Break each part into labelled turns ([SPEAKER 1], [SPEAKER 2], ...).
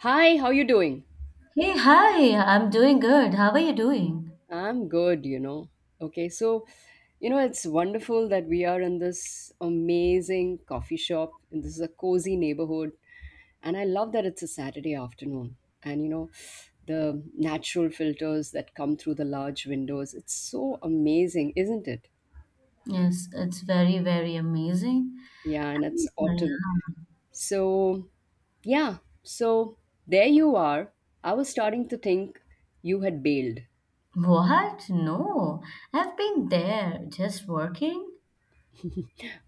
[SPEAKER 1] Hi, how you doing?
[SPEAKER 2] Hey, hi, I'm doing good. How are you doing?
[SPEAKER 1] I'm good, you know. Okay, so you know it's wonderful that we are in this amazing coffee shop and this is a cozy neighborhood and I love that it's a Saturday afternoon and you know the natural filters that come through the large windows. It's so amazing, isn't it?
[SPEAKER 2] Yes, it's very, very amazing.
[SPEAKER 1] Yeah, and it's autumn.
[SPEAKER 2] Yeah.
[SPEAKER 1] So, yeah, so there you are. I was starting to think you had bailed.
[SPEAKER 2] What? No, I've been there just working.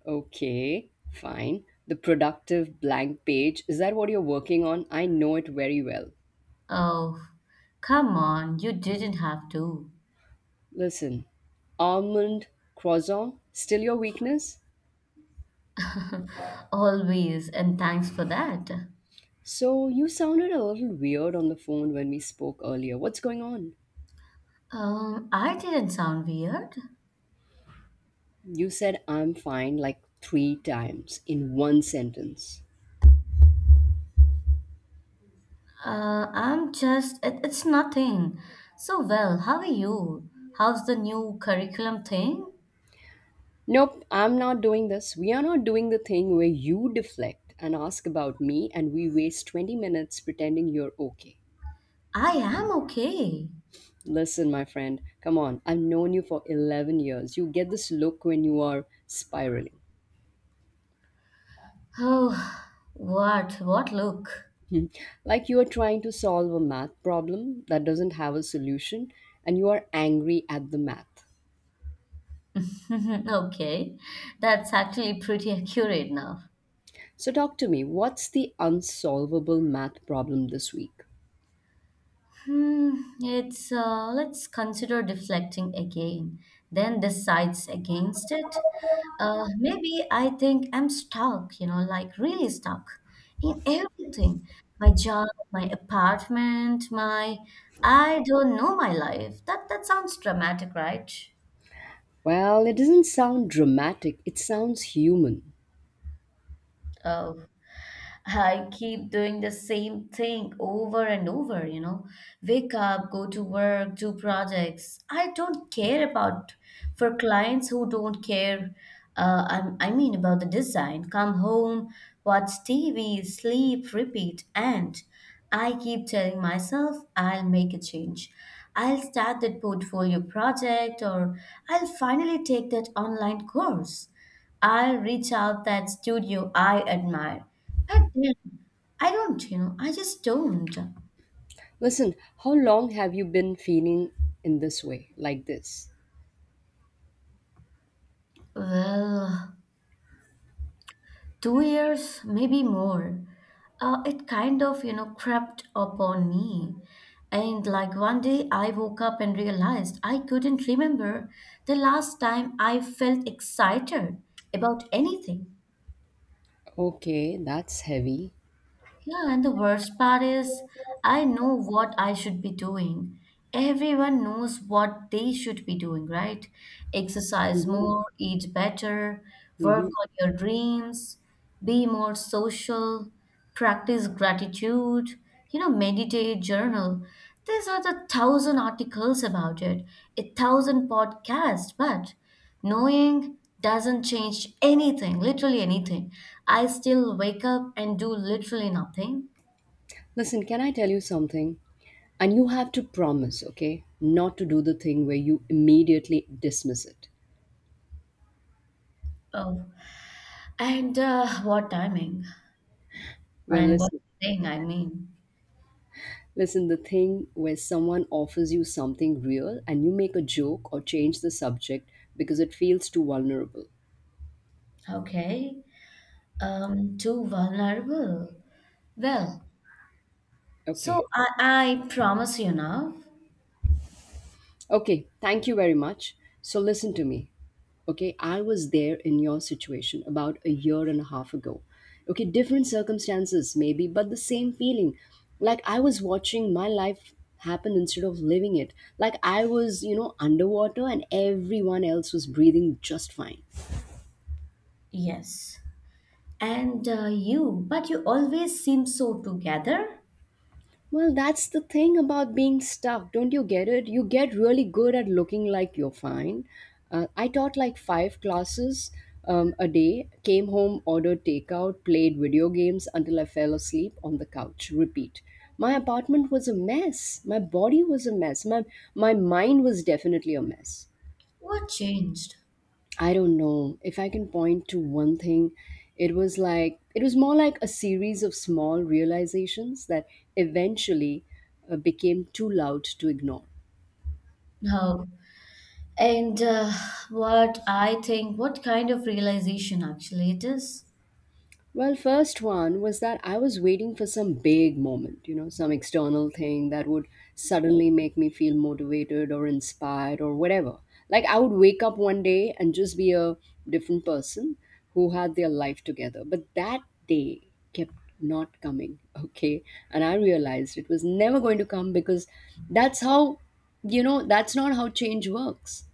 [SPEAKER 1] Okay, fine. The productive blank page, is that what you're working on? I know it very well.
[SPEAKER 2] Oh, come on, you didn't have to.
[SPEAKER 1] Listen, almond croissant, still your weakness?
[SPEAKER 2] Always, and thanks for that.
[SPEAKER 1] So, you sounded a little weird on the phone when we spoke earlier. What's going on?
[SPEAKER 2] I didn't sound weird.
[SPEAKER 1] You said I'm fine like three times in one sentence.
[SPEAKER 2] I'm just, it's nothing. So, well, how are you? How's the new curriculum thing?
[SPEAKER 1] Nope, I'm not doing this. We are not doing the thing where you deflect and ask about me and we waste 20 minutes pretending you're okay.
[SPEAKER 2] I am okay.
[SPEAKER 1] Listen, my friend, come on. I've known you for 11 years. You get this look when you are spiraling.
[SPEAKER 2] Oh, what? What look?
[SPEAKER 1] Hmm. Like you are trying to solve a math problem that doesn't have a solution and you are angry at the math.
[SPEAKER 2] Okay, that's actually pretty accurate now.
[SPEAKER 1] So, talk to me. What's the unsolvable math problem this week?
[SPEAKER 2] Hmm, it's let's consider deflecting again, then decides against it. Maybe I think I'm stuck, you know, like really stuck in everything. My job, my apartment, my I don't know my life. That sounds dramatic, right?
[SPEAKER 1] Well, it doesn't sound dramatic, it sounds human.
[SPEAKER 2] Oh. I keep doing the same thing over and over, you know. Wake up, go to work, do projects. I don't care about for clients who don't care. I mean about the design. Come home, watch TV, sleep, repeat, and I keep telling myself I'll make a change. I'll start that portfolio project, or I'll finally take that online course. I'll reach out that studio I admire. God damn. I just don't.
[SPEAKER 1] Listen, how long have you been feeling in this way, like this?
[SPEAKER 2] Well, 2 years, maybe more. It kind of, you know, crept upon me. And like one day I woke up and realized I couldn't remember the last time I felt excited about anything.
[SPEAKER 1] Okay, that's heavy.
[SPEAKER 2] Yeah, and the worst part is, I know what I should be doing. Everyone knows what they should be doing, right? Exercise more, eat better, work
[SPEAKER 1] Hmm.
[SPEAKER 2] on your dreams, be more social, practice gratitude, you know, meditate, journal. These are the thousand articles about it, a thousand podcasts, but knowing doesn't change anything, literally anything. I still wake up and do literally nothing.
[SPEAKER 1] Listen, can I tell you something? And you have to promise, okay, not to do the thing where you immediately dismiss it.
[SPEAKER 2] Oh, and what timing
[SPEAKER 1] Well,
[SPEAKER 2] and what
[SPEAKER 1] listen,
[SPEAKER 2] thing I mean.
[SPEAKER 1] listen, the thing where someone offers you something real and you make a joke or change the subject because it feels too vulnerable.
[SPEAKER 2] Okay, too vulnerable. Well,
[SPEAKER 1] Okay,
[SPEAKER 2] so I promise you now.
[SPEAKER 1] okay, thank you very much. So listen to me. Okay, I was there in your situation about a year and a half ago. Okay, different circumstances maybe, but the same feeling. Like I was watching my life happen instead of living it. Like I was, you know, underwater and everyone else was breathing just fine.
[SPEAKER 2] Yes. And but you always seem so together.
[SPEAKER 1] Well, that's the thing about being stuck. Don't you get it? You get really good at looking like you're fine. I taught like five classes a day, came home, ordered takeout, played video games until I fell asleep on the couch. Repeat. My apartment was a mess. My body was a mess. My mind was definitely a mess.
[SPEAKER 2] What changed?
[SPEAKER 1] I don't know if I can point to one thing. It was more like a series of small realizations that eventually became too loud to ignore.
[SPEAKER 2] Oh, and what I think, what kind of realization actually it is?
[SPEAKER 1] Well, first one was that I was waiting for some big moment, you know, some external thing that would suddenly make me feel motivated or inspired or whatever. Like I would wake up one day and just be a different person who had their life together. But that day kept not coming, okay? And I realized it was never going to come because that's how, you know, that's not how change works.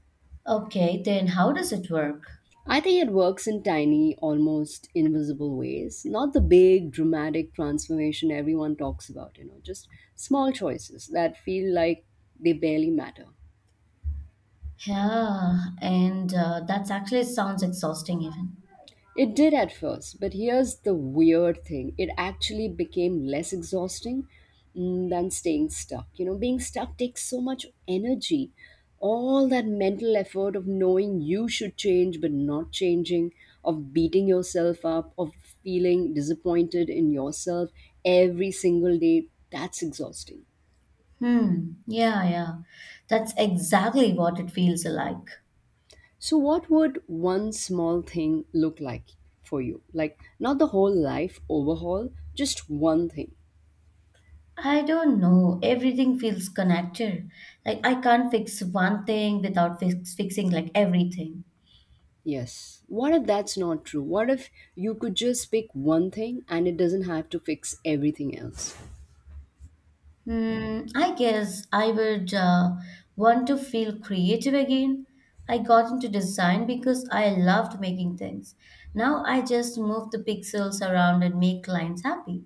[SPEAKER 2] Okay, then how does it work?
[SPEAKER 1] I think it works in tiny, almost invisible ways, not the big dramatic transformation everyone talks about, you know, just small choices that feel like they barely matter.
[SPEAKER 2] Yeah, and that's actually sounds exhausting even.
[SPEAKER 1] It did at first, but here's the weird thing. It actually became less exhausting than staying stuck. You know, being stuck takes so much energy. All that mental effort of knowing you should change but not changing, of beating yourself up, of feeling disappointed in yourself every single day, that's exhausting.
[SPEAKER 2] Hmm, yeah, yeah. That's exactly what it feels like.
[SPEAKER 1] So, what would one small thing look like for you? Like, not the whole life overhaul, just one thing.
[SPEAKER 2] I don't know. Everything feels connected. Like I can't fix one thing without fixing like everything.
[SPEAKER 1] Yes. What if that's not true? What if you could just pick one thing and it doesn't have to fix everything else?
[SPEAKER 2] Hmm, I guess I would want to feel creative again. I got into design because I loved making things. Now I just move the pixels around and make clients happy.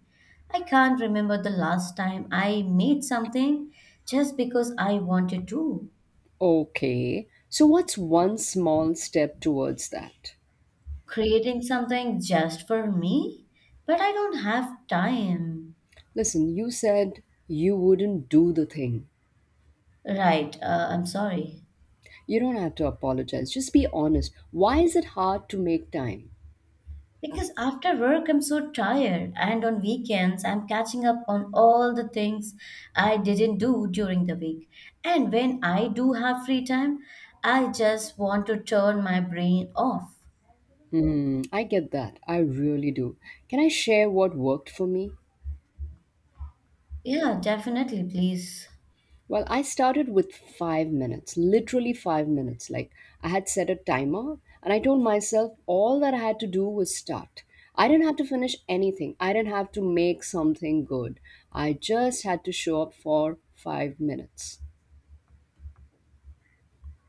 [SPEAKER 2] I can't remember the last time I made something just because I wanted to.
[SPEAKER 1] Okay. So, what's one small step towards that?
[SPEAKER 2] Creating something just for me? But I don't have time.
[SPEAKER 1] Listen, you said you wouldn't do the thing.
[SPEAKER 2] Right, I'm sorry.
[SPEAKER 1] You don't have to apologize. Just be honest. Why is it hard to make time?
[SPEAKER 2] Because after work, I'm so tired, and on weekends, I'm catching up on all the things I didn't do during the week. And when I do have free time, I just want to turn my brain off.
[SPEAKER 1] Hmm, I get that. I really do. Can I share what worked for me?
[SPEAKER 2] Yeah, definitely, please.
[SPEAKER 1] Well, I started with 5 minutes, literally 5 minutes. Like I had set a timer and I told myself all that I had to do was start. I didn't have to finish anything, I didn't have to make something good. I just had to show up for 5 minutes.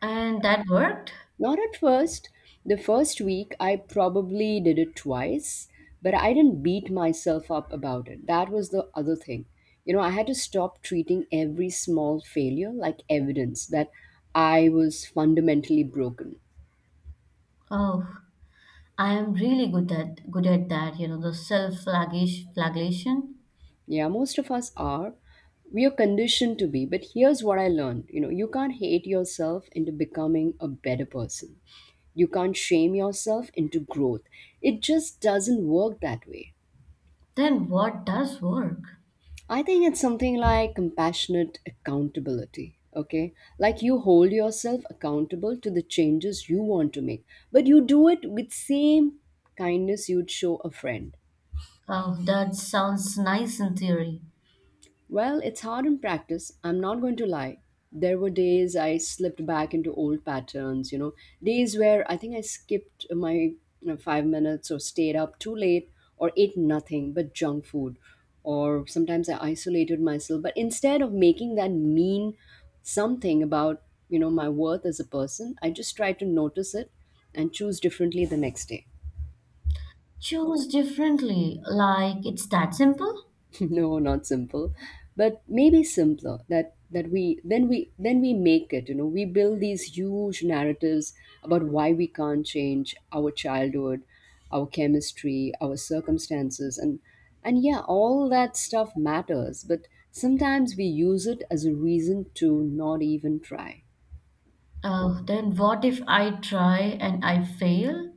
[SPEAKER 2] And that worked?
[SPEAKER 1] Not at first. The first week, I probably did it twice, but I didn't beat myself up about it. That was the other thing. You know, I had to stop treating every small failure like evidence that I was fundamentally broken.
[SPEAKER 2] Oh, I am really good at that, you know, the self-flagellation.
[SPEAKER 1] Yeah, most of us are. We are conditioned to be, but here's what I learned. You know, you can't hate yourself into becoming a better person. You can't shame yourself into growth. It just doesn't work that way.
[SPEAKER 2] Then what does work?
[SPEAKER 1] I think it's something like compassionate accountability. Okay. Like you hold yourself accountable to the changes you want to make, but you do it with same kindness you'd show a friend.
[SPEAKER 2] Oh, that sounds nice in theory.
[SPEAKER 1] Well, it's hard in practice. I'm not going to lie. There were days I slipped back into old patterns, you know, days where I think I skipped my 5 minutes or stayed up too late or ate nothing but junk food. Or sometimes I isolated myself. But instead of making that mean something about you know, my worth as a person, I just try to notice it and choose differently the next day.
[SPEAKER 2] Choose differently, like it's that simple?
[SPEAKER 1] No, not simple, but maybe simpler that we make it. You know, we build these huge narratives about why we can't change: our childhood, our chemistry, our circumstances, and yeah, all that stuff matters, but sometimes we use it as a reason to not even try.
[SPEAKER 2] Oh, then what if I try and I fail?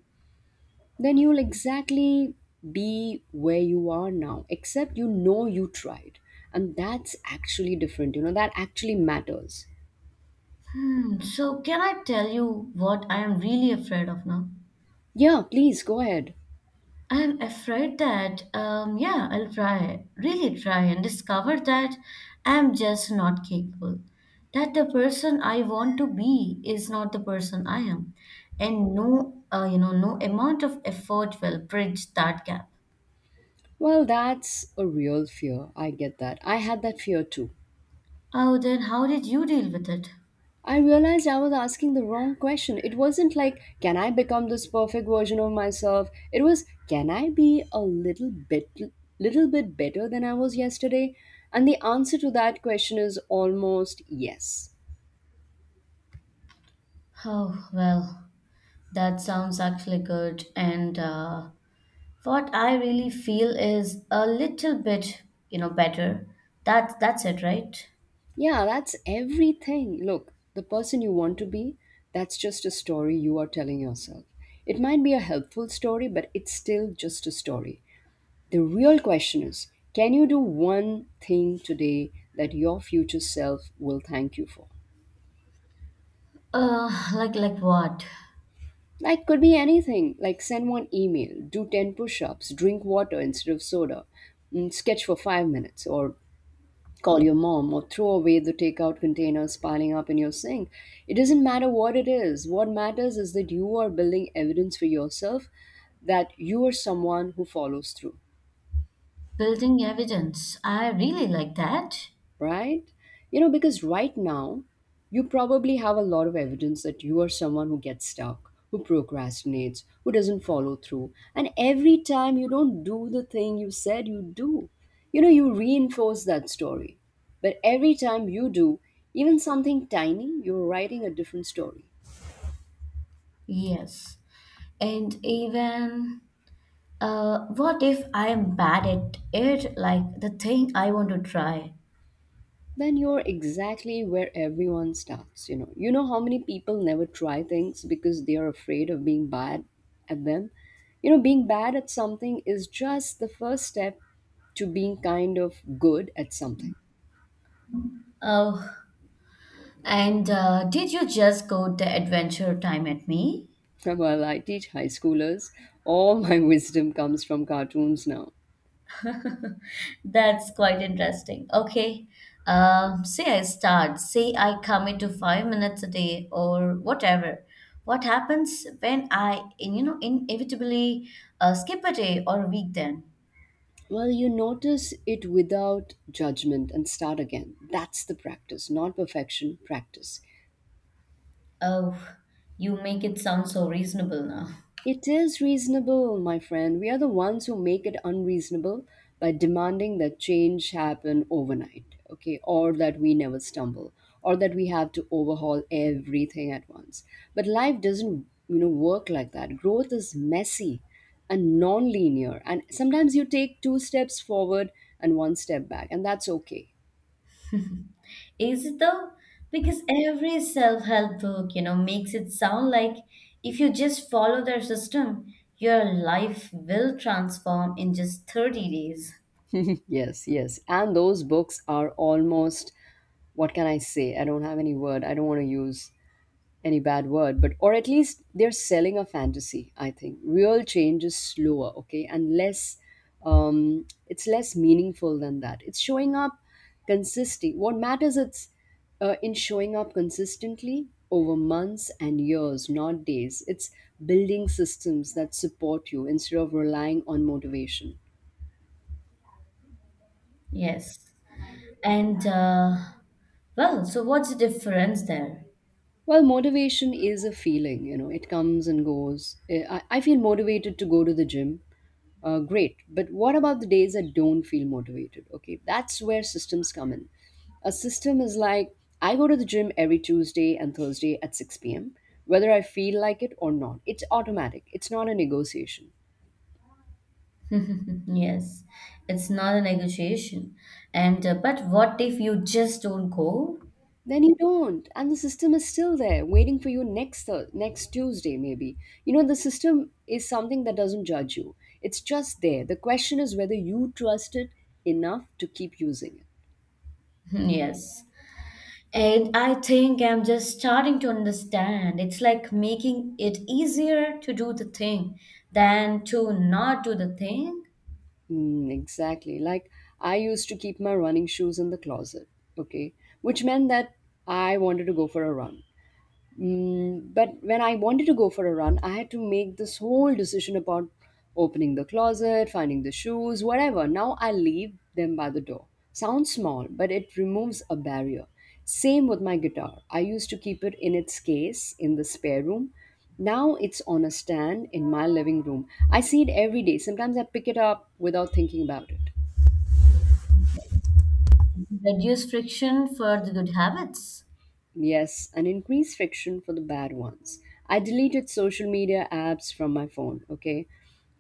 [SPEAKER 1] Then you'll exactly be where you are now, except you know you tried. And that's actually different, you know, that actually matters.
[SPEAKER 2] Hmm, so can I tell you what I am really afraid of now?
[SPEAKER 1] Yeah, please go ahead.
[SPEAKER 2] I am afraid that, yeah, I'll try, really try and discover that I am just not capable. That the person I want to be is not the person I am. And no, no amount of effort will bridge that gap.
[SPEAKER 1] Well, that's a real fear. I get that. I had that fear too.
[SPEAKER 2] Oh, then how did you deal with it?
[SPEAKER 1] I realized I was asking the wrong question. It wasn't like, can I become this perfect version of myself? It was, can I be a little bit better than I was yesterday? And the answer to that question is almost yes.
[SPEAKER 2] Oh, well, that sounds actually good. And what I really feel is a little bit, you know, better. That's it, right?
[SPEAKER 1] Yeah, that's everything. Look, the person you want to be, that's just a story you are telling yourself. It might be a helpful story, but it's still just a story. The real question is, can you do one thing today that your future self will thank you for?
[SPEAKER 2] Like what?
[SPEAKER 1] Like, could be anything, like send one email, do 10 push ups, drink water instead of soda, sketch for 5 minutes, or call your mom, or throw away the takeout containers piling up in your sink. It doesn't matter what it is. What matters is that you are building evidence for yourself that you are someone who follows through.
[SPEAKER 2] Building evidence. I really like that.
[SPEAKER 1] Right? You know, because right now, you probably have a lot of evidence that you are someone who gets stuck, who procrastinates, who doesn't follow through. And every time you don't do the thing you said you do, you know, you reinforce that story. But every time you do, even something tiny, you're writing a different story.
[SPEAKER 2] Yes. And even what if I am bad at it? Like the thing I want to try.
[SPEAKER 1] Then you're exactly where everyone starts. You know, you know how many people never try things because they are afraid of being bad at them. You know, being bad at something is just the first step to being kind of good at something.
[SPEAKER 2] Oh, and did you just go the adventure time at me?
[SPEAKER 1] Well, I teach high schoolers. All my wisdom comes from cartoons now.
[SPEAKER 2] That's quite interesting. Okay. Say I start, say I commit to 5 minutes a day or whatever. What happens when you know, inevitably skip a day or a week then?
[SPEAKER 1] Well, you notice it without judgment and start again. That's the practice, not perfection, practice.
[SPEAKER 2] Oh, you make it sound so reasonable now.
[SPEAKER 1] It is reasonable, my friend. We are the ones who make it unreasonable by demanding that change happen overnight, okay, or that we never stumble, or that we have to overhaul everything at once. But life doesn't, you know, work like that. Growth is messy and non-linear, and sometimes you take two steps forward and one step back, and that's okay.
[SPEAKER 2] Is it though? Because every self-help book, you know, makes it sound like if you just follow their system, your life will transform in just 30 days.
[SPEAKER 1] Yes, yes. And those books are almost, what can I say? I don't have any word. I don't want to use any bad word, but or at least they're selling a fantasy. I think real change is slower, okay, and less. It's less meaningful than that. It's showing up consistently. What matters it's in showing up consistently over months and years, not days. It's building systems that support you instead of relying on motivation.
[SPEAKER 2] Yes. And well, so what's the difference there?
[SPEAKER 1] Well, motivation is a feeling, you know, it comes and goes. I feel motivated to go to the gym. Great. But what about the days that don't feel motivated? Okay, that's where systems come in. A system is like I go to the gym every Tuesday and Thursday at 6 p.m., whether I feel like it or not. It's automatic, it's not a negotiation.
[SPEAKER 2] Yes, it's not a negotiation. And but what if you just don't go?
[SPEAKER 1] Then you don't, and the system is still there waiting for you next next tuesday maybe. You know, the system is something that doesn't judge you. It's just there. The question is whether you trust it enough to keep using it.
[SPEAKER 2] Yes. And I think I'm just starting to understand. It's like making it easier to do the thing than to not do the thing.
[SPEAKER 1] Mm, exactly. Like, I used to keep my running shoes in the closet, okay? Which meant that I wanted to go for a run. But when I wanted to go for a run, I had to make this whole decision about opening the closet, finding the shoes, whatever. Now I leave them by the door. Sounds small, but it removes a barrier. Same with my guitar. I used to keep it in its case in the spare room. Now it's on a stand in my living room. I see it every day. Sometimes I pick it up without thinking about it.
[SPEAKER 2] Reduce friction for the good habits.
[SPEAKER 1] Yes, and increased friction for the bad ones. I deleted social media apps from my phone, okay?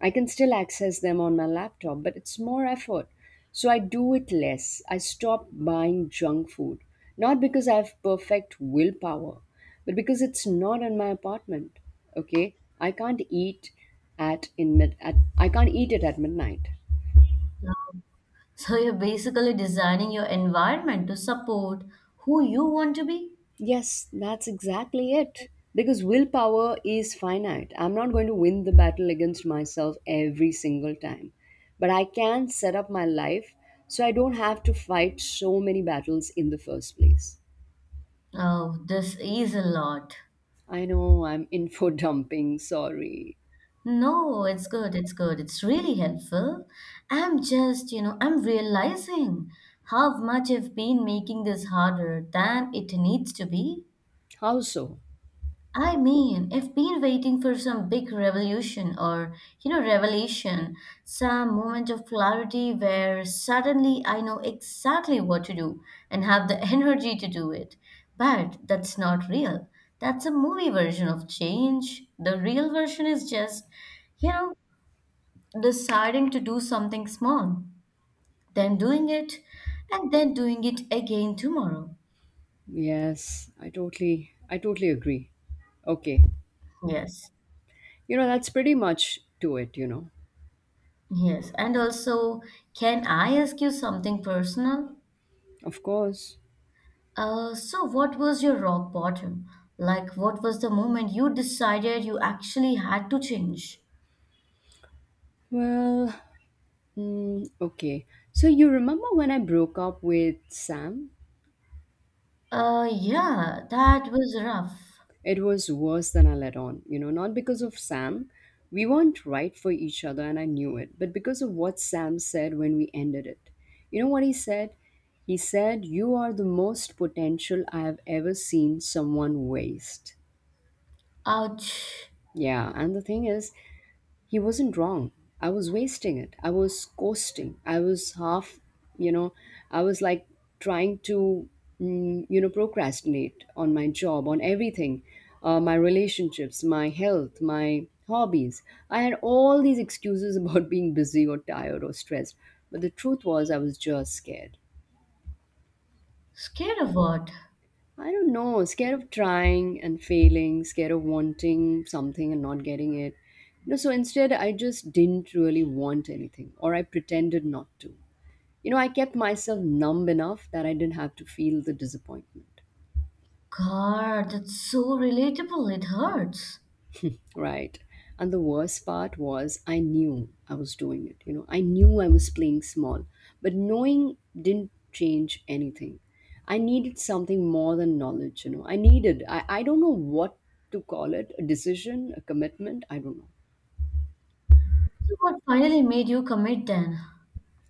[SPEAKER 1] I can still access them on my laptop, but it's more effort. So I do it less. I stop buying junk food. Not because I have perfect willpower, but because it's not in my apartment, okay? I can't eat at in mid at I can't eat it at midnight.
[SPEAKER 2] So you're basically designing your environment to support who you want to be.
[SPEAKER 1] Yes, that's exactly it. Because willpower is finite. I'm not going to win the battle against myself every single time. But I can set up my life so I don't have to fight so many battles in the first place.
[SPEAKER 2] Oh, this is a lot.
[SPEAKER 1] I know I'm info dumping, sorry.
[SPEAKER 2] No, it's good. It's good. It's really helpful. I'm just, you know, I'm realizing how much I've been making this harder than it needs to be.
[SPEAKER 1] How so?
[SPEAKER 2] I mean, I've been waiting for some big revolution or, you know, revelation, some moment of clarity where suddenly I know exactly what to do and have the energy to do it. But that's not real. That's a movie version of change. The real version is just, you know, deciding to do something small, then doing it, and then doing it again tomorrow.
[SPEAKER 1] Yes, I totally agree. Okay.
[SPEAKER 2] Yes.
[SPEAKER 1] You know, that's pretty much to it, you know.
[SPEAKER 2] Yes, and also, can I ask you something personal?
[SPEAKER 1] Of course.
[SPEAKER 2] So what was your rock bottom? Like, what was the moment you decided you actually had to change?
[SPEAKER 1] Well, mm, okay. So you remember when I broke up with Sam?
[SPEAKER 2] Yeah, that was rough.
[SPEAKER 1] It was worse than I let on, you know, not because of Sam. We weren't right for each other and I knew it, but because of what Sam said when we ended it. You know what he said? He said, "You are the most potential I have ever seen someone waste."
[SPEAKER 2] Ouch.
[SPEAKER 1] Yeah, and the thing is, he wasn't wrong. I was wasting it. I was coasting. I was half, you know, I was like trying to, you know, procrastinate on my job, on everything, my relationships, my health, my hobbies. I had all these excuses about being busy or tired or stressed. But the truth was, I was just scared.
[SPEAKER 2] Scared of what?
[SPEAKER 1] I don't know, scared of trying and failing, scared of wanting something and not getting it. You know, so instead I just didn't really want anything, or I pretended not to. You know, I kept myself numb enough that I didn't have to feel the disappointment.
[SPEAKER 2] God, that's so relatable. It hurts.
[SPEAKER 1] Right. And the worst part was I knew I was doing it. You know, I knew I was playing small, but knowing didn't change anything. I needed something more than knowledge, you know. I needed, I don't know what to call it, a decision, a commitment, I don't know.
[SPEAKER 2] So what finally made you commit then?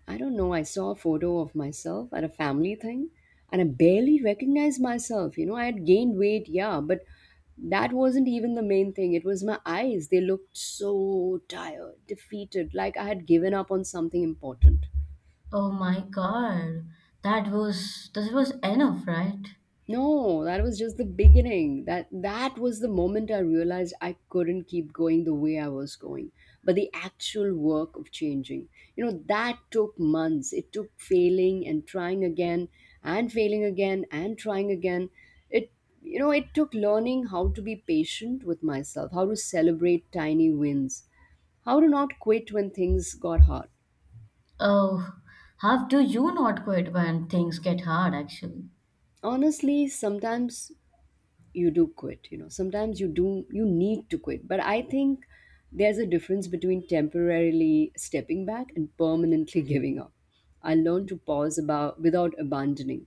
[SPEAKER 1] I don't know. I saw a photo of myself at a family thing and I barely recognized myself. You know, I had gained weight, yeah, but that wasn't even the main thing. It was my eyes. They looked so tired, defeated, like I had given up on something important.
[SPEAKER 2] Oh my God, that was enough, right?
[SPEAKER 1] No, that was just the beginning. That was the moment I realized I couldn't keep going the way I was going. But the actual work of changing, you know, that took months. It took failing and trying again and failing again and trying again. It, you know, it took learning how to be patient with myself, how to celebrate tiny wins, how to not quit when things got hard.
[SPEAKER 2] Oh, how do you not quit when things get hard, actually?
[SPEAKER 1] Honestly, sometimes you do quit, you know. Sometimes you do, you need to quit. But I think there's a difference between temporarily stepping back and permanently giving up. I learned to pause about without abandoning,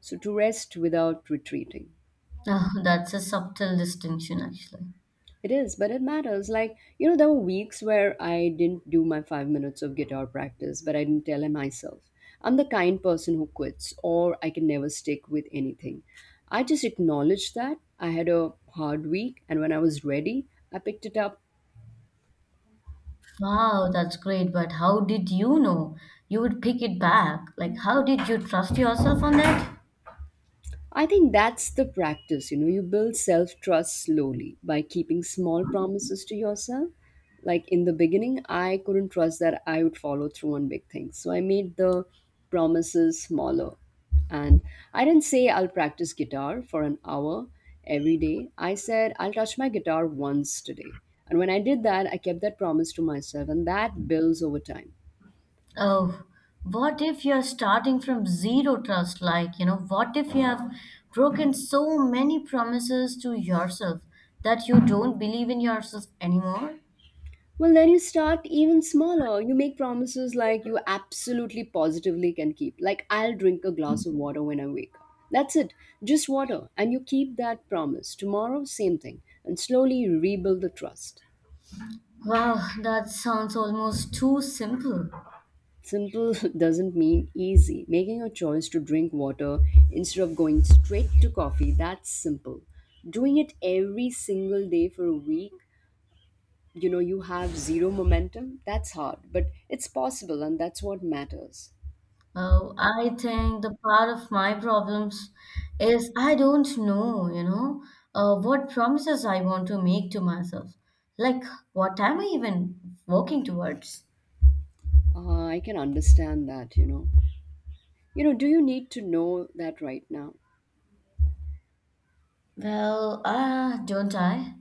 [SPEAKER 1] so to rest without retreating.
[SPEAKER 2] Oh, that's a subtle distinction, actually.
[SPEAKER 1] It is, but it matters. Like, you know, there were weeks where I didn't do my 5 minutes of guitar practice, but I didn't tell him myself. I'm the kind person who quits, or I can never stick with anything. I just acknowledged that I had a hard week, and when I was ready, I picked it up.
[SPEAKER 2] Wow, that's great, but how did you know you would pick it back? Like, how did you trust yourself on that?
[SPEAKER 1] I think that's the practice. You know, you build self trust slowly by keeping small promises to yourself. Like in the beginning, I couldn't trust that I would follow through on big things. So I made the promises smaller. And I didn't say I'll practice guitar for an hour every day. I said I'll touch my guitar once today. And when I did that, I kept that promise to myself, and that builds over time.
[SPEAKER 2] Oh, what if you're starting from zero trust? Like, you know, what if you have broken so many promises to yourself that you don't believe in yourself anymore?
[SPEAKER 1] Well, then you start even smaller. You make promises like you absolutely positively can keep. Like, I'll drink a glass of water when I wake up. That's it, just water. And you keep that promise. Tomorrow, same thing. And slowly you rebuild the trust.
[SPEAKER 2] Wow, that sounds almost too simple.
[SPEAKER 1] Simple doesn't mean easy. Making a choice to drink water instead of going straight to coffee, that's simple. Doing it every single day for a week, you know, you have zero momentum, that's hard. But it's possible, and that's what matters.
[SPEAKER 2] Oh, I think the part of my problems is I don't know, you know, what promises I want to make to myself. Like, what am I even working towards?
[SPEAKER 1] I can understand that, you know. You know, do you need to know that right now?
[SPEAKER 2] Well, ah, don't I?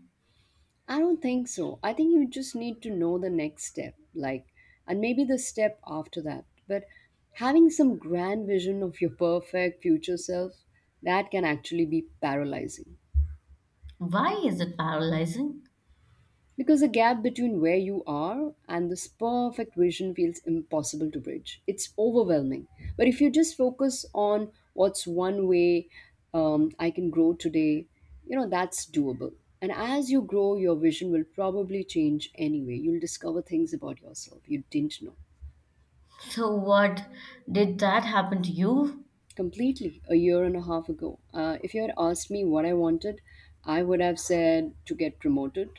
[SPEAKER 1] I don't think so. I think you just need to know the next step, like, and maybe the step after that. But having some grand vision of your perfect future self, that can actually be paralyzing.
[SPEAKER 2] Why is it paralyzing?
[SPEAKER 1] Because the gap between where you are and this perfect vision feels impossible to bridge. It's overwhelming. But if you just focus on what's one way I can grow today, you know, that's doable. And as you grow, your vision will probably change anyway. You'll discover things about yourself you didn't know.
[SPEAKER 2] So, what did that happen to you?
[SPEAKER 1] Completely, a year and a half ago. If you had asked me what I wanted, I would have said to get promoted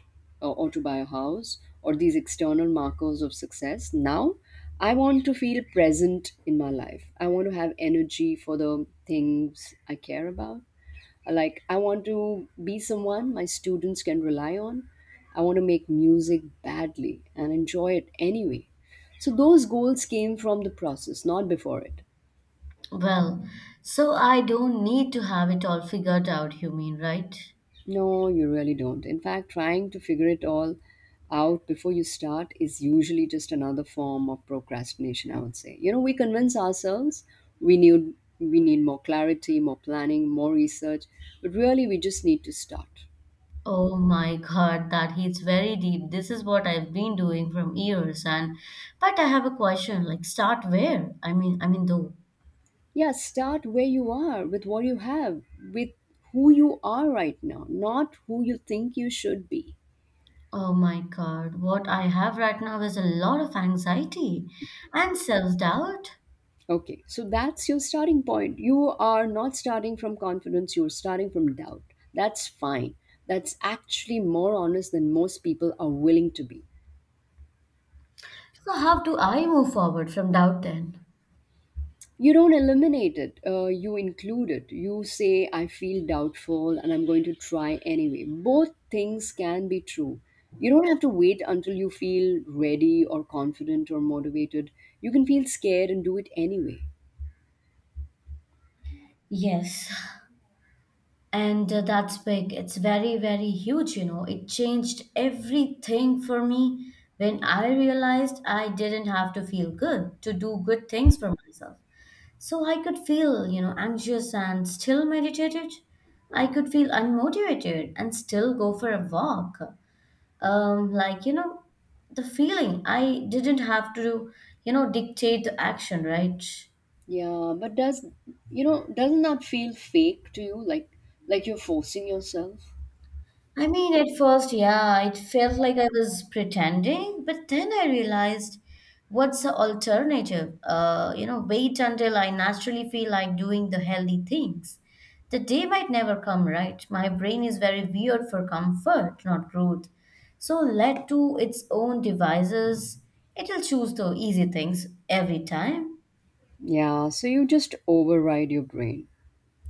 [SPEAKER 1] or to buy a house or these external markers of success. Now, I want to feel present in my life. I want to have energy for the things I care about. Like, I want to be someone my students can rely on. I want to make music badly and enjoy it anyway. So, those goals came from the process, not before it.
[SPEAKER 2] Well, so I don't need to have it all figured out, you mean, right?
[SPEAKER 1] No, you really don't. In fact, trying to figure it all out before you start is usually just another form of procrastination, I would say. You know, we convince ourselves we need more clarity, more planning, more research, but really we just need to start.
[SPEAKER 2] Oh my God, that hits very deep. This is what I've been doing from years and but I have a question, like start where? I mean though.
[SPEAKER 1] Yeah, start where you are, with what you have, with who you are right now, not who you think you should be.
[SPEAKER 2] Oh my God, what I have right now is a lot of anxiety and self-doubt.
[SPEAKER 1] Okay, so that's your starting point. You are not starting from confidence, you're starting from doubt. That's fine. That's actually more honest than most people are willing to be.
[SPEAKER 2] So how do I move forward from doubt then?
[SPEAKER 1] You don't eliminate it, you include it. You say, I feel doubtful and I'm going to try anyway. Both things can be true. You don't have to wait until you feel ready or confident or motivated. You can feel scared and do it anyway.
[SPEAKER 2] Yes, and that's big. It's very, very huge, you know. It changed everything for me when I realized I didn't have to feel good to do good things for myself. So I could feel, you know, anxious and still meditated. I could feel unmotivated and still go for a walk. Like, you know, the feeling I didn't have to, you know, dictate the action, right?
[SPEAKER 1] Yeah, but does, you know, doesn't that feel fake to you? Like you're forcing yourself?
[SPEAKER 2] I mean, at first, yeah, it felt like I was pretending, but then I realized what's the alternative? You know, wait until I naturally feel like doing the healthy things. The day might never come, right? My brain is very weird for comfort, not growth. So let to its own devices, it'll choose the easy things every time.
[SPEAKER 1] Yeah, so you just override your brain.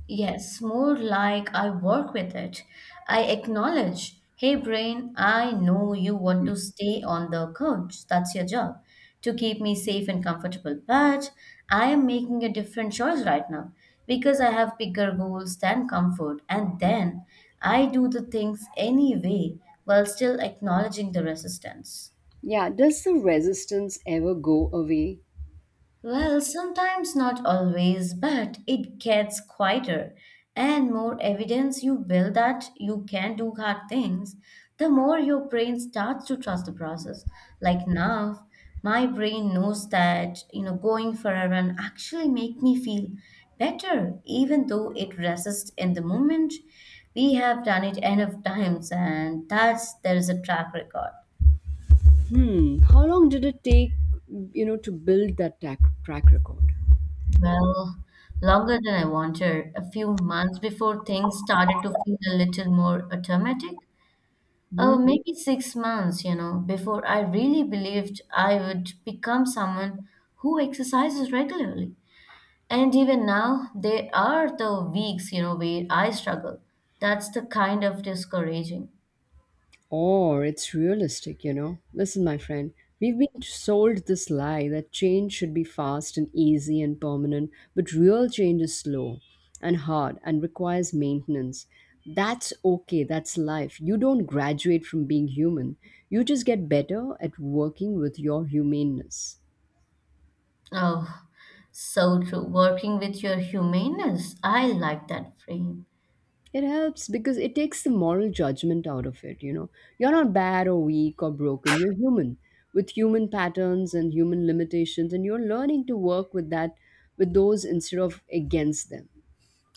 [SPEAKER 2] Yes, more like I work with it. I acknowledge, hey brain, I know you want to
[SPEAKER 1] Mm.
[SPEAKER 2] stay on the couch. That's your job to keep me safe and comfortable. But I am making a different choice right now because I have bigger goals than comfort. And then I do the things anyway while still acknowledging the resistance.
[SPEAKER 1] Yeah, does the resistance ever go away?
[SPEAKER 2] Well, sometimes not always, but it gets quieter. And more evidence you build that you can do hard things, the more your brain starts to trust the process. Like now, my brain knows that, you know, going for a run actually make me feel better, even though it resists in the moment. We have done it enough times, and that's there is a track record.
[SPEAKER 1] Hmm, how long did it take, you know, to build that track record?
[SPEAKER 2] Well, longer than I wanted. A few months before things started to feel a little more automatic. Oh, maybe 6 months, you know, before I really believed I would become someone who exercises regularly. And even now, there are the weeks, you know, where I struggle. That's the kind of discouraging.
[SPEAKER 1] Or it's realistic, you know. Listen, my friend, we've been sold this lie that change should be fast and easy and permanent, but real change is slow and hard and requires maintenance. That's okay, that's life. You don't graduate from being human, you just get better at working with your humaneness.
[SPEAKER 2] Oh, so true. Working with your humaneness. I like that frame.
[SPEAKER 1] It helps because it takes the moral judgment out of it, you know. You're not bad or weak or broken, you're human with human patterns and human limitations, and you're learning to work with that with those instead of against them.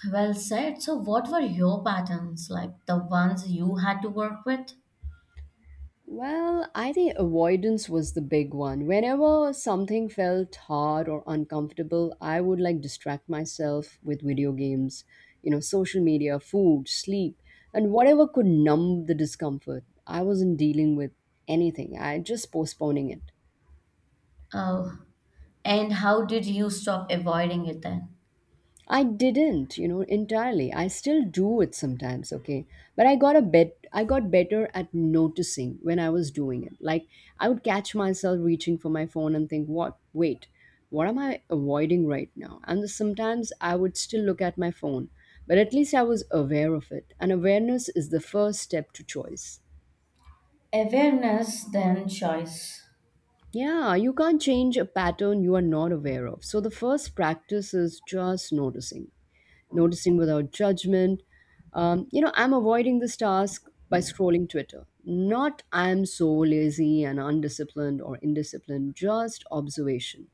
[SPEAKER 2] Well said. So, what were your patterns like, the ones you had to work with?
[SPEAKER 1] Well, I think avoidance was the big one. Whenever something felt hard or uncomfortable, I would like distract myself with video games, you know, social media, food, sleep, and whatever could numb the discomfort. I wasn't dealing with anything, I just postponing it.
[SPEAKER 2] Oh, and how did you stop avoiding it then?
[SPEAKER 1] I didn't, you know, entirely. I still do it sometimes, okay? But I got better at noticing when I was doing it. Like I would catch myself reaching for my phone and think, "What? Wait. What am I avoiding right now?" And sometimes I would still look at my phone, but at least I was aware of it. And awareness is the first step to choice.
[SPEAKER 2] Awareness, then choice.
[SPEAKER 1] Yeah, you can't change a pattern you are not aware of. So the first practice is just noticing. Noticing without judgment. You know, I'm avoiding this task by scrolling Twitter. Not I'm so lazy and undisciplined or indisciplined, just observation.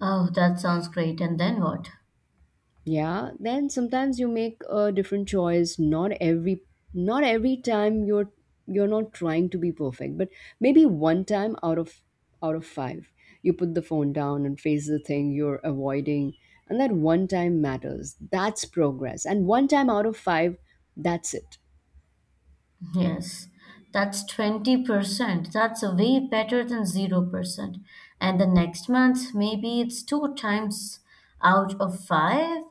[SPEAKER 2] Oh, that sounds great. And then what?
[SPEAKER 1] Yeah, then sometimes you make a different choice. Not every time you're not trying to be perfect, but maybe one time out of five, you put the phone down and face the thing you're avoiding. And that one time matters. That's progress. And one time out of five, that's it.
[SPEAKER 2] Yes, that's 20%. That's way better than 0%. And the next month, maybe it's two times out of 5.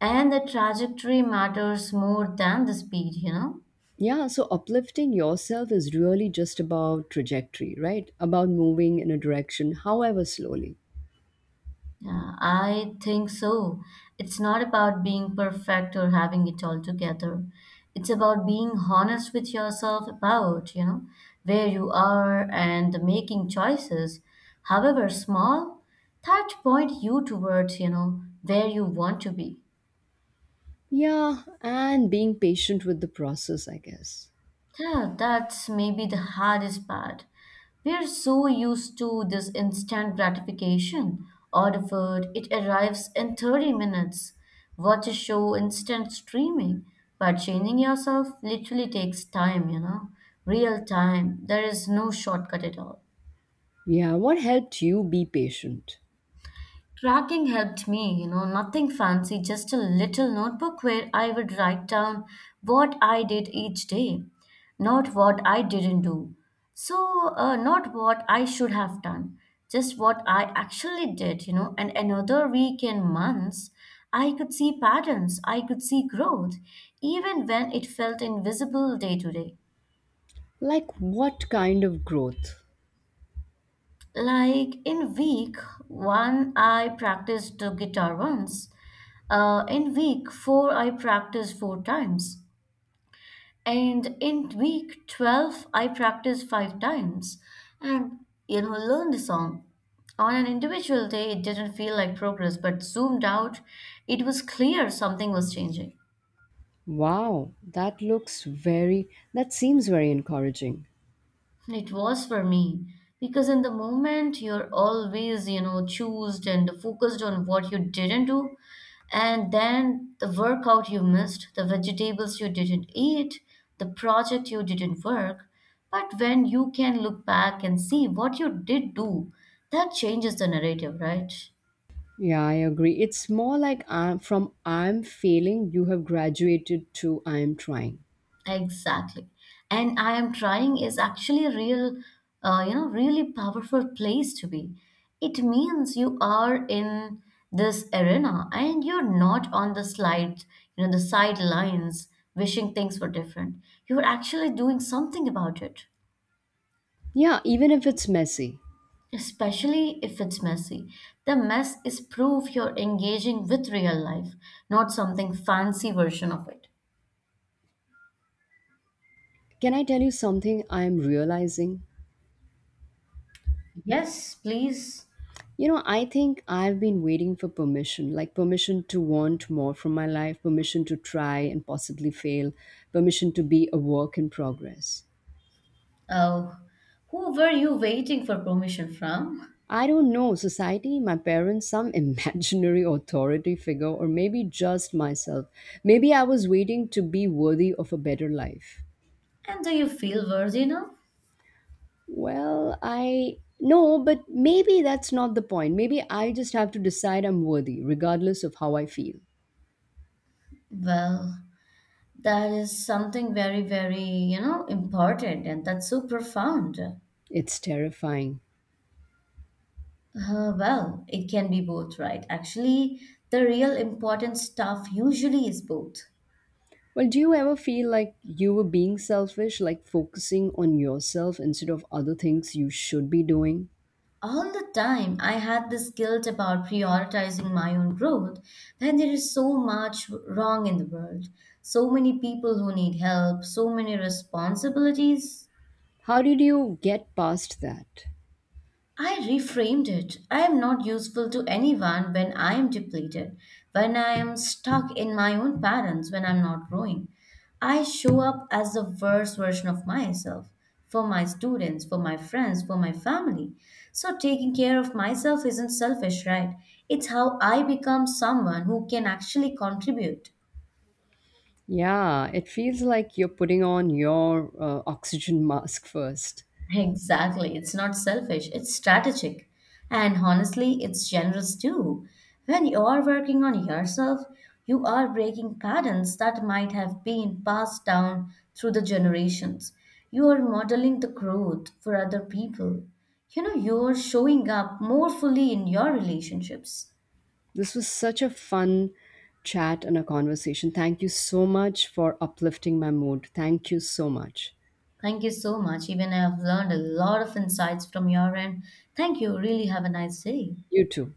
[SPEAKER 2] And the trajectory matters more than the speed, you know?
[SPEAKER 1] Yeah, so uplifting yourself is really just about trajectory, right? About moving in a direction, however slowly.
[SPEAKER 2] Yeah, I think so. It's not about being perfect or having it all together. It's about being honest with yourself about, you know, where you are and making choices, however small, that point you towards, where you want to be.
[SPEAKER 1] Yeah, and being patient with the process, I guess.
[SPEAKER 2] Yeah, that's maybe the hardest part. We're so used to this instant gratification. Order food, it arrives in 30 minutes. Watch a show, instant streaming. But changing yourself literally takes time, you know. Real time. There is no shortcut at all.
[SPEAKER 1] Yeah, what helped you be patient?
[SPEAKER 2] Tracking helped me, you know, nothing fancy, just a little notebook where I would write down what I did each day, not what I didn't do. So, not what I should have done, just what I actually did, you know. And another week and months, I could see patterns, I could see growth, even when it felt invisible day to day.
[SPEAKER 1] Like, what kind of growth?
[SPEAKER 2] Like in week one, I practiced the guitar once. In week four, I practiced four times. And in week 12, I practiced five times. And, you know, learned the song. On an individual day, it didn't feel like progress, but zoomed out, it was clear something was changing.
[SPEAKER 1] Wow, that looks very, that seems very encouraging.
[SPEAKER 2] It was for me because in the moment you're always, choosed and focused on what you didn't do, and then the workout you missed, the vegetables you didn't eat, the project you didn't work. But when you can look back and see what you did do, that changes the narrative, right?
[SPEAKER 1] Yeah, I agree. It's more like I'm, from I'm failing, you have graduated to I'm trying.
[SPEAKER 2] Exactly. And I am trying is actually a real, really powerful place to be. It means you are in this arena and you're not on the slide, the sidelines wishing things were different. You're actually doing something about it,
[SPEAKER 1] Yeah, even if it's messy.
[SPEAKER 2] especially if it's messy. The mess is proof you're engaging with real life, not something fancy version of it.
[SPEAKER 1] Can I tell you something I'm realizing?
[SPEAKER 2] Yes, please.
[SPEAKER 1] You know, I think I've been waiting for permission, like permission to want more from my life, permission to try and possibly fail, permission to be a work in progress.
[SPEAKER 2] Oh, who were you waiting for permission from?
[SPEAKER 1] I don't know, society, my parents, some imaginary authority figure, or maybe just myself. Maybe I was waiting to be worthy of a better life.
[SPEAKER 2] And do you feel worthy enough?
[SPEAKER 1] Well, I no, but maybe that's not the point. Maybe I just have to decide I'm worthy, regardless of how I feel.
[SPEAKER 2] Well, that is something very, very, important and that's so profound.
[SPEAKER 1] It's terrifying.
[SPEAKER 2] Well, it can be both, right? Actually, the real important stuff usually is both.
[SPEAKER 1] Well, do you ever feel like you were being selfish, like focusing on yourself instead of other things you should be doing?
[SPEAKER 2] All the time, I had this guilt about prioritizing my own growth, when there is so much wrong in the world, so many people who need help, so many responsibilities.
[SPEAKER 1] How did you get past that?
[SPEAKER 2] I reframed it. I am not useful to anyone when I am depleted, when I am stuck in my own patterns, when I'm not growing. I show up as the worst version of myself for my students, for my friends, for my family. So taking care of myself isn't selfish, right? It's how I become someone who can actually contribute.
[SPEAKER 1] Yeah, it feels like you're putting on your oxygen mask first.
[SPEAKER 2] Exactly. It's not selfish, it's strategic. And honestly, it's generous too. When you are working on yourself, you are breaking patterns that might have been passed down through the generations. You are modeling the growth for other people. You're showing up more fully in your relationships.
[SPEAKER 1] This was such a fun chat and a conversation. Thank you so much for uplifting my mood. Thank you so much.
[SPEAKER 2] Thank you so much. Even I have learned a lot of insights from your end. Thank you. Really have a nice day.
[SPEAKER 1] You too.